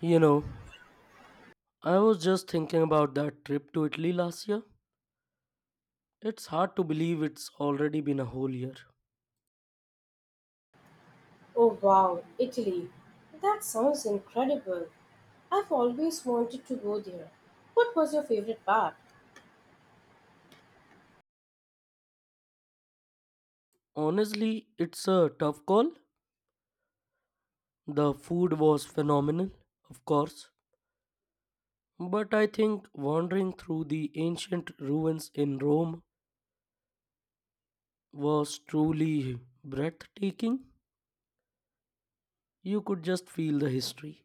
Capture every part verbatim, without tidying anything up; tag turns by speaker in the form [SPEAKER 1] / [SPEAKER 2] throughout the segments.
[SPEAKER 1] You know, I was just thinking about that trip to Italy last year. It's hard to believe it's already been a whole year.
[SPEAKER 2] Oh wow, Italy. That sounds incredible. I've always wanted to go there. What was your favorite part?
[SPEAKER 1] Honestly, it's a tough call. The food was phenomenal, of course, but I think wandering through the ancient ruins in Rome was truly breathtaking. You could just feel the history.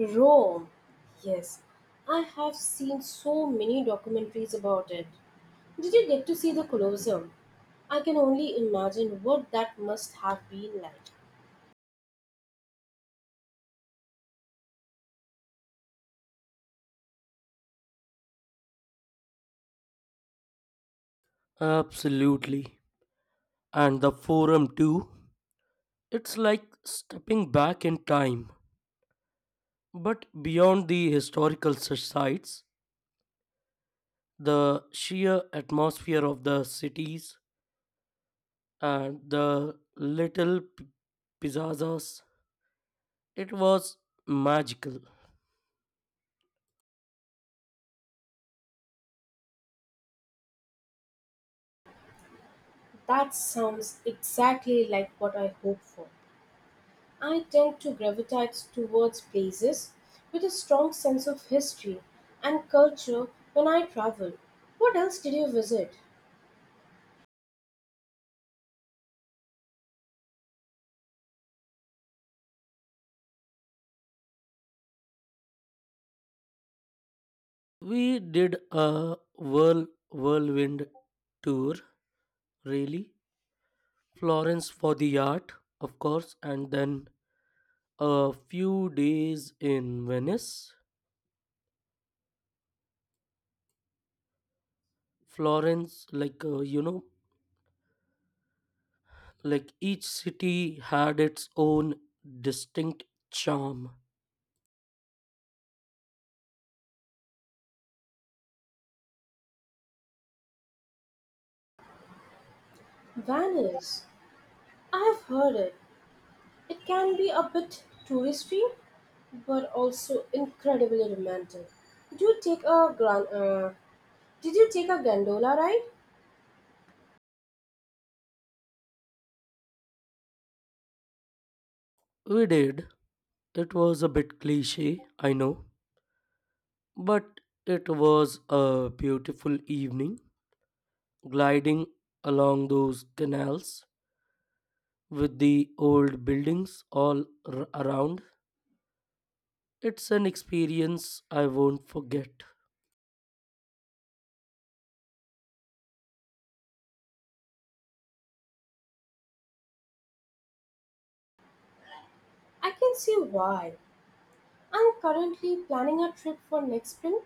[SPEAKER 2] Rome. Yes, I have seen so many documentaries about it. Did you get to see the Colosseum? I can only imagine what that must have been like.
[SPEAKER 1] Absolutely. And the forum too. It's like stepping back in time. But beyond the historical such sites, the sheer atmosphere of the cities and the little p- piazzas, it was magical.
[SPEAKER 2] That sounds exactly like what I hope for. I tend to gravitate towards places with a strong sense of history and culture when I travel. What else did you visit?
[SPEAKER 1] We did a whirl whirlwind tour, really. Florence for the art, of course, and then a few days in Venice. Florence, like uh, you know, like each city had its own distinct charm.
[SPEAKER 2] Venice. I have heard it. It can be a bit touristy, but also incredibly romantic. Do you take a gran- uh, Did you take a gondola ride?
[SPEAKER 1] We did. It was a bit cliche, I know, but it was a beautiful evening gliding along those canals with the old buildings all r- around. It's an experience I won't forget.
[SPEAKER 2] I can see why. I'm currently planning a trip for next spring,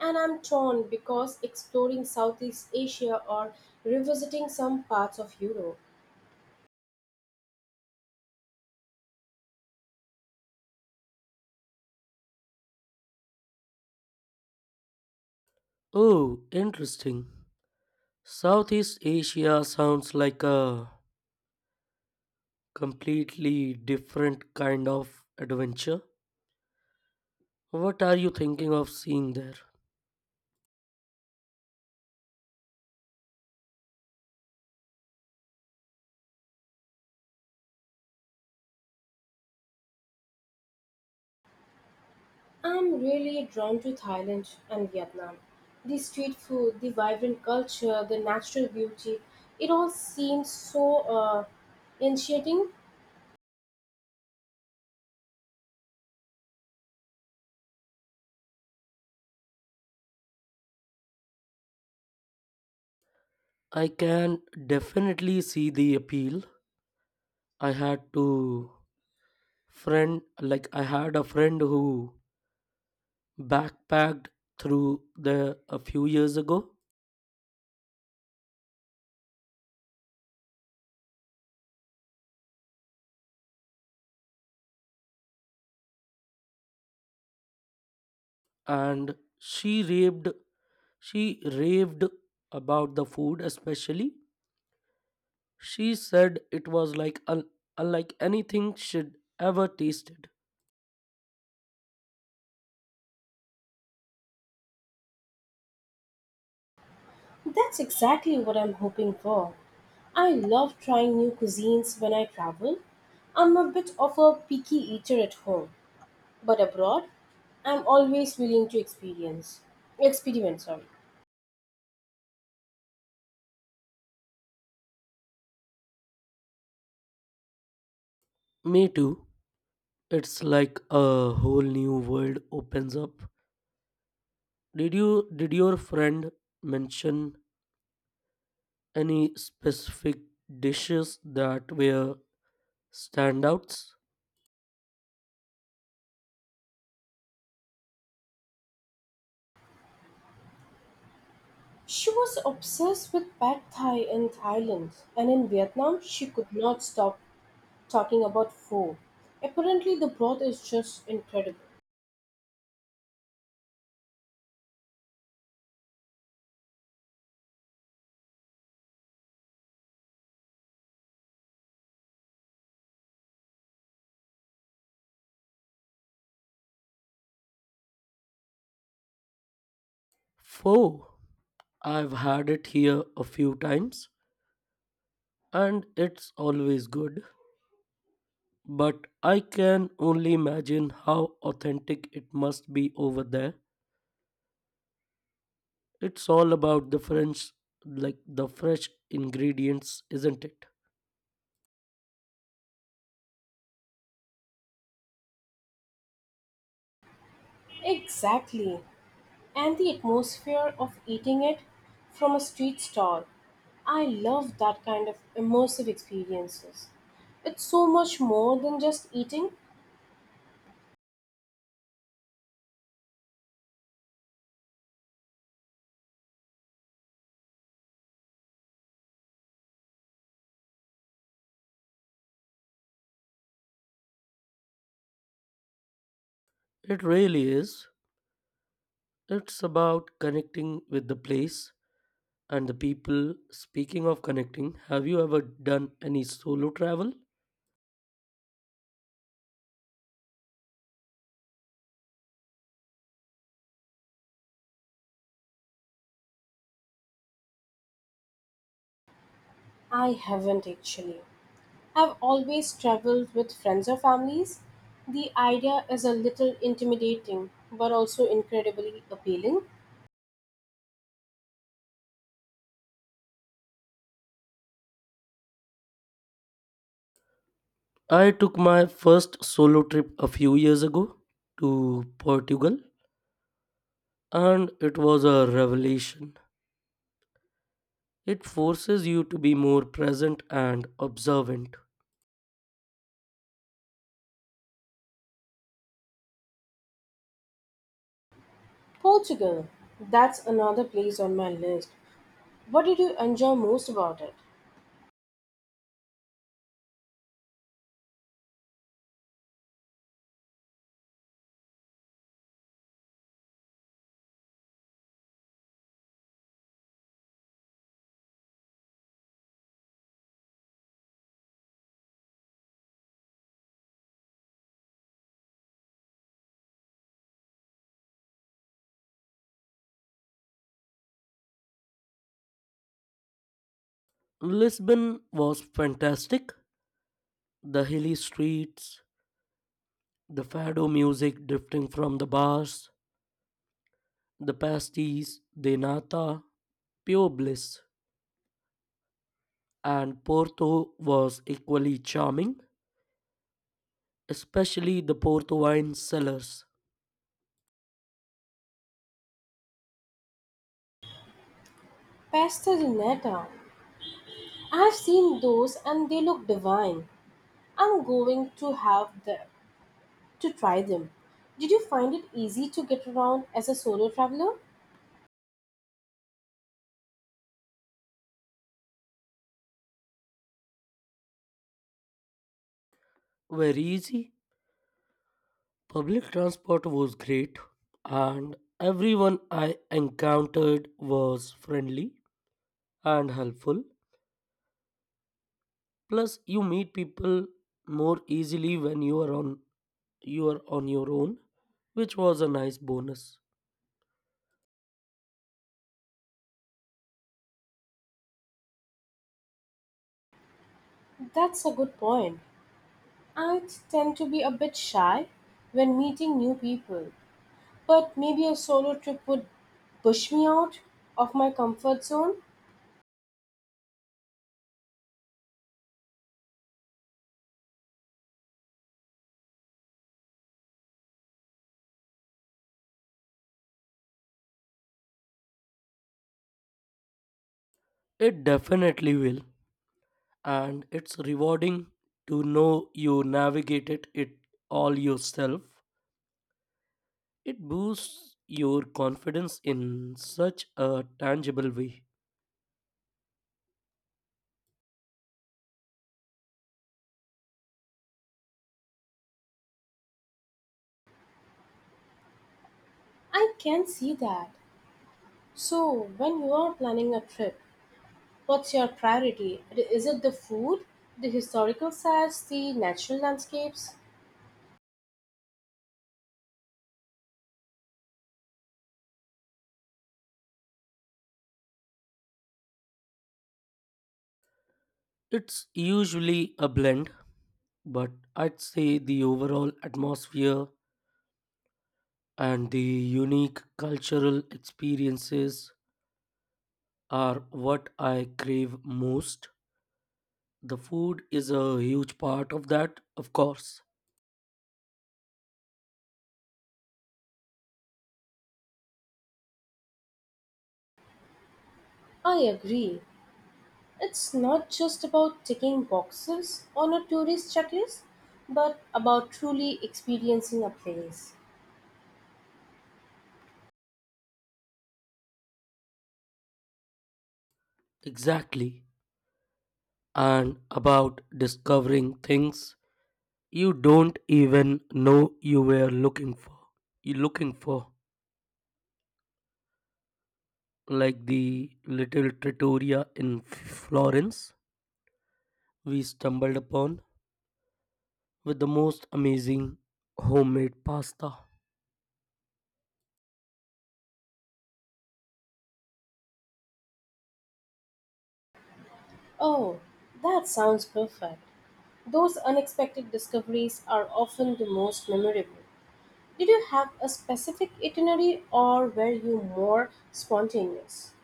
[SPEAKER 2] and I'm torn because exploring Southeast Asia or revisiting some parts of Europe,
[SPEAKER 1] Oh, interesting. Southeast Asia sounds like a completely different kind of adventure. What are you thinking of seeing there?
[SPEAKER 2] I'm really drawn to Thailand and Vietnam. The street food, the vibrant culture, the natural beauty, it all seems so uh, initiating.
[SPEAKER 1] I can definitely see the appeal. I had to friend like I had a friend who backpacked through there a few years ago and she raved she raved about the food especially. She said it was like un- unlike anything she'd ever tasted.
[SPEAKER 2] That's exactly what I'm hoping for. I love trying new cuisines when I travel. I'm a bit of a picky eater at home, but abroad, I'm always willing to experience. Experiment, sorry.
[SPEAKER 1] Me too. It's like a whole new world opens up. Did you did your friend mention any specific dishes that were standouts?
[SPEAKER 2] She was obsessed with pad thai in Thailand, and in Vietnam, she could not stop talking about pho. Apparently, the broth is just incredible.
[SPEAKER 1] Pho. I've had it here a few times and it's always good, but I can only imagine how authentic it must be over there. It's all about the French like the fresh ingredients, isn't it?
[SPEAKER 2] Exactly, and the atmosphere of eating it from a street stall. I love that kind of immersive experiences. It's so much more than just eating.
[SPEAKER 1] It really is. It's about connecting with the place and the people. Speaking of connecting, have you ever done any solo travel?
[SPEAKER 2] I haven't actually. I've always traveled with friends or families. The idea is a little intimidating, but also incredibly appealing.
[SPEAKER 1] I took my first solo trip a few years ago to Portugal, and it was a revelation. It forces you to be more present and observant.
[SPEAKER 2] Portugal, that's another place on my list. What did you enjoy most about it?
[SPEAKER 1] Lisbon was fantastic. The hilly streets, the fado music drifting from the bars, the pasties de nata, pure bliss. And Porto was equally charming, especially the Porto wine cellars
[SPEAKER 2] Pasta di nata. I've seen those and they look divine. I'm going to have the to try them. Did you find it easy to get around as a solo traveler?
[SPEAKER 1] were easy. Public transport was great, and everyone I encountered was friendly and helpful. Plus, you meet people more easily when you are on you are on your own, which was a nice bonus.
[SPEAKER 2] That's a good point. I tend to be a bit shy when meeting new people, but maybe a solo trip would push me out of my comfort zone.
[SPEAKER 1] It definitely will, and it's rewarding to know you navigated it all yourself. It boosts your confidence in such a tangible way.
[SPEAKER 2] I can see that. So, when you are planning a trip, what's your priority? Is it the food, the historical sites, the natural landscapes?
[SPEAKER 1] It's usually a blend, but I'd say the overall atmosphere and the unique cultural experiences are what I crave most. The food is a huge part of that, of course.
[SPEAKER 2] I agree. It's not just about ticking boxes on a tourist checklist, but about truly experiencing a place.
[SPEAKER 1] Exactly. And about discovering things you don't even know you were looking for. You looking for. Like the little trattoria in Florence we stumbled upon with the most amazing homemade pasta.
[SPEAKER 2] Oh, that sounds perfect. Those unexpected discoveries are often the most memorable. Did you have a specific itinerary or were you more spontaneous?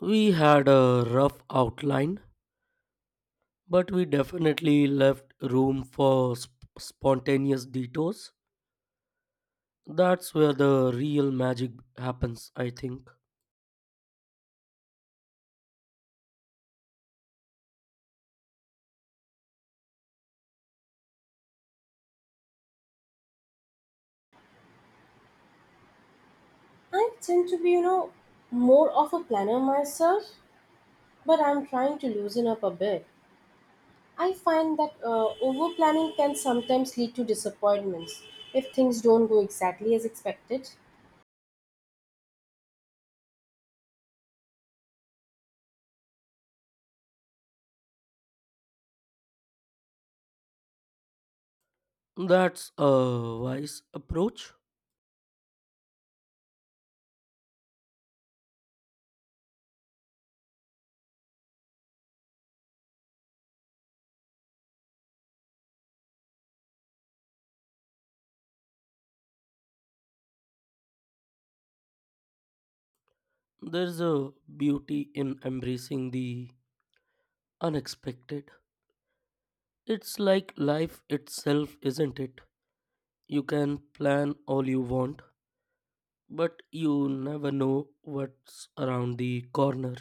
[SPEAKER 1] We had a rough outline, but we definitely left room for sp- spontaneous detours. That's where the real magic happens, I think.
[SPEAKER 2] I tend to be, you know, More of a planner myself, but I'm trying to loosen up a bit. I find that uh, over planning can sometimes lead to disappointments if things don't go exactly as expected.
[SPEAKER 1] That's a wise approach. There's a beauty in embracing the unexpected. It's like life itself, isn't it? You can plan all you want, but you never know what's around the corner.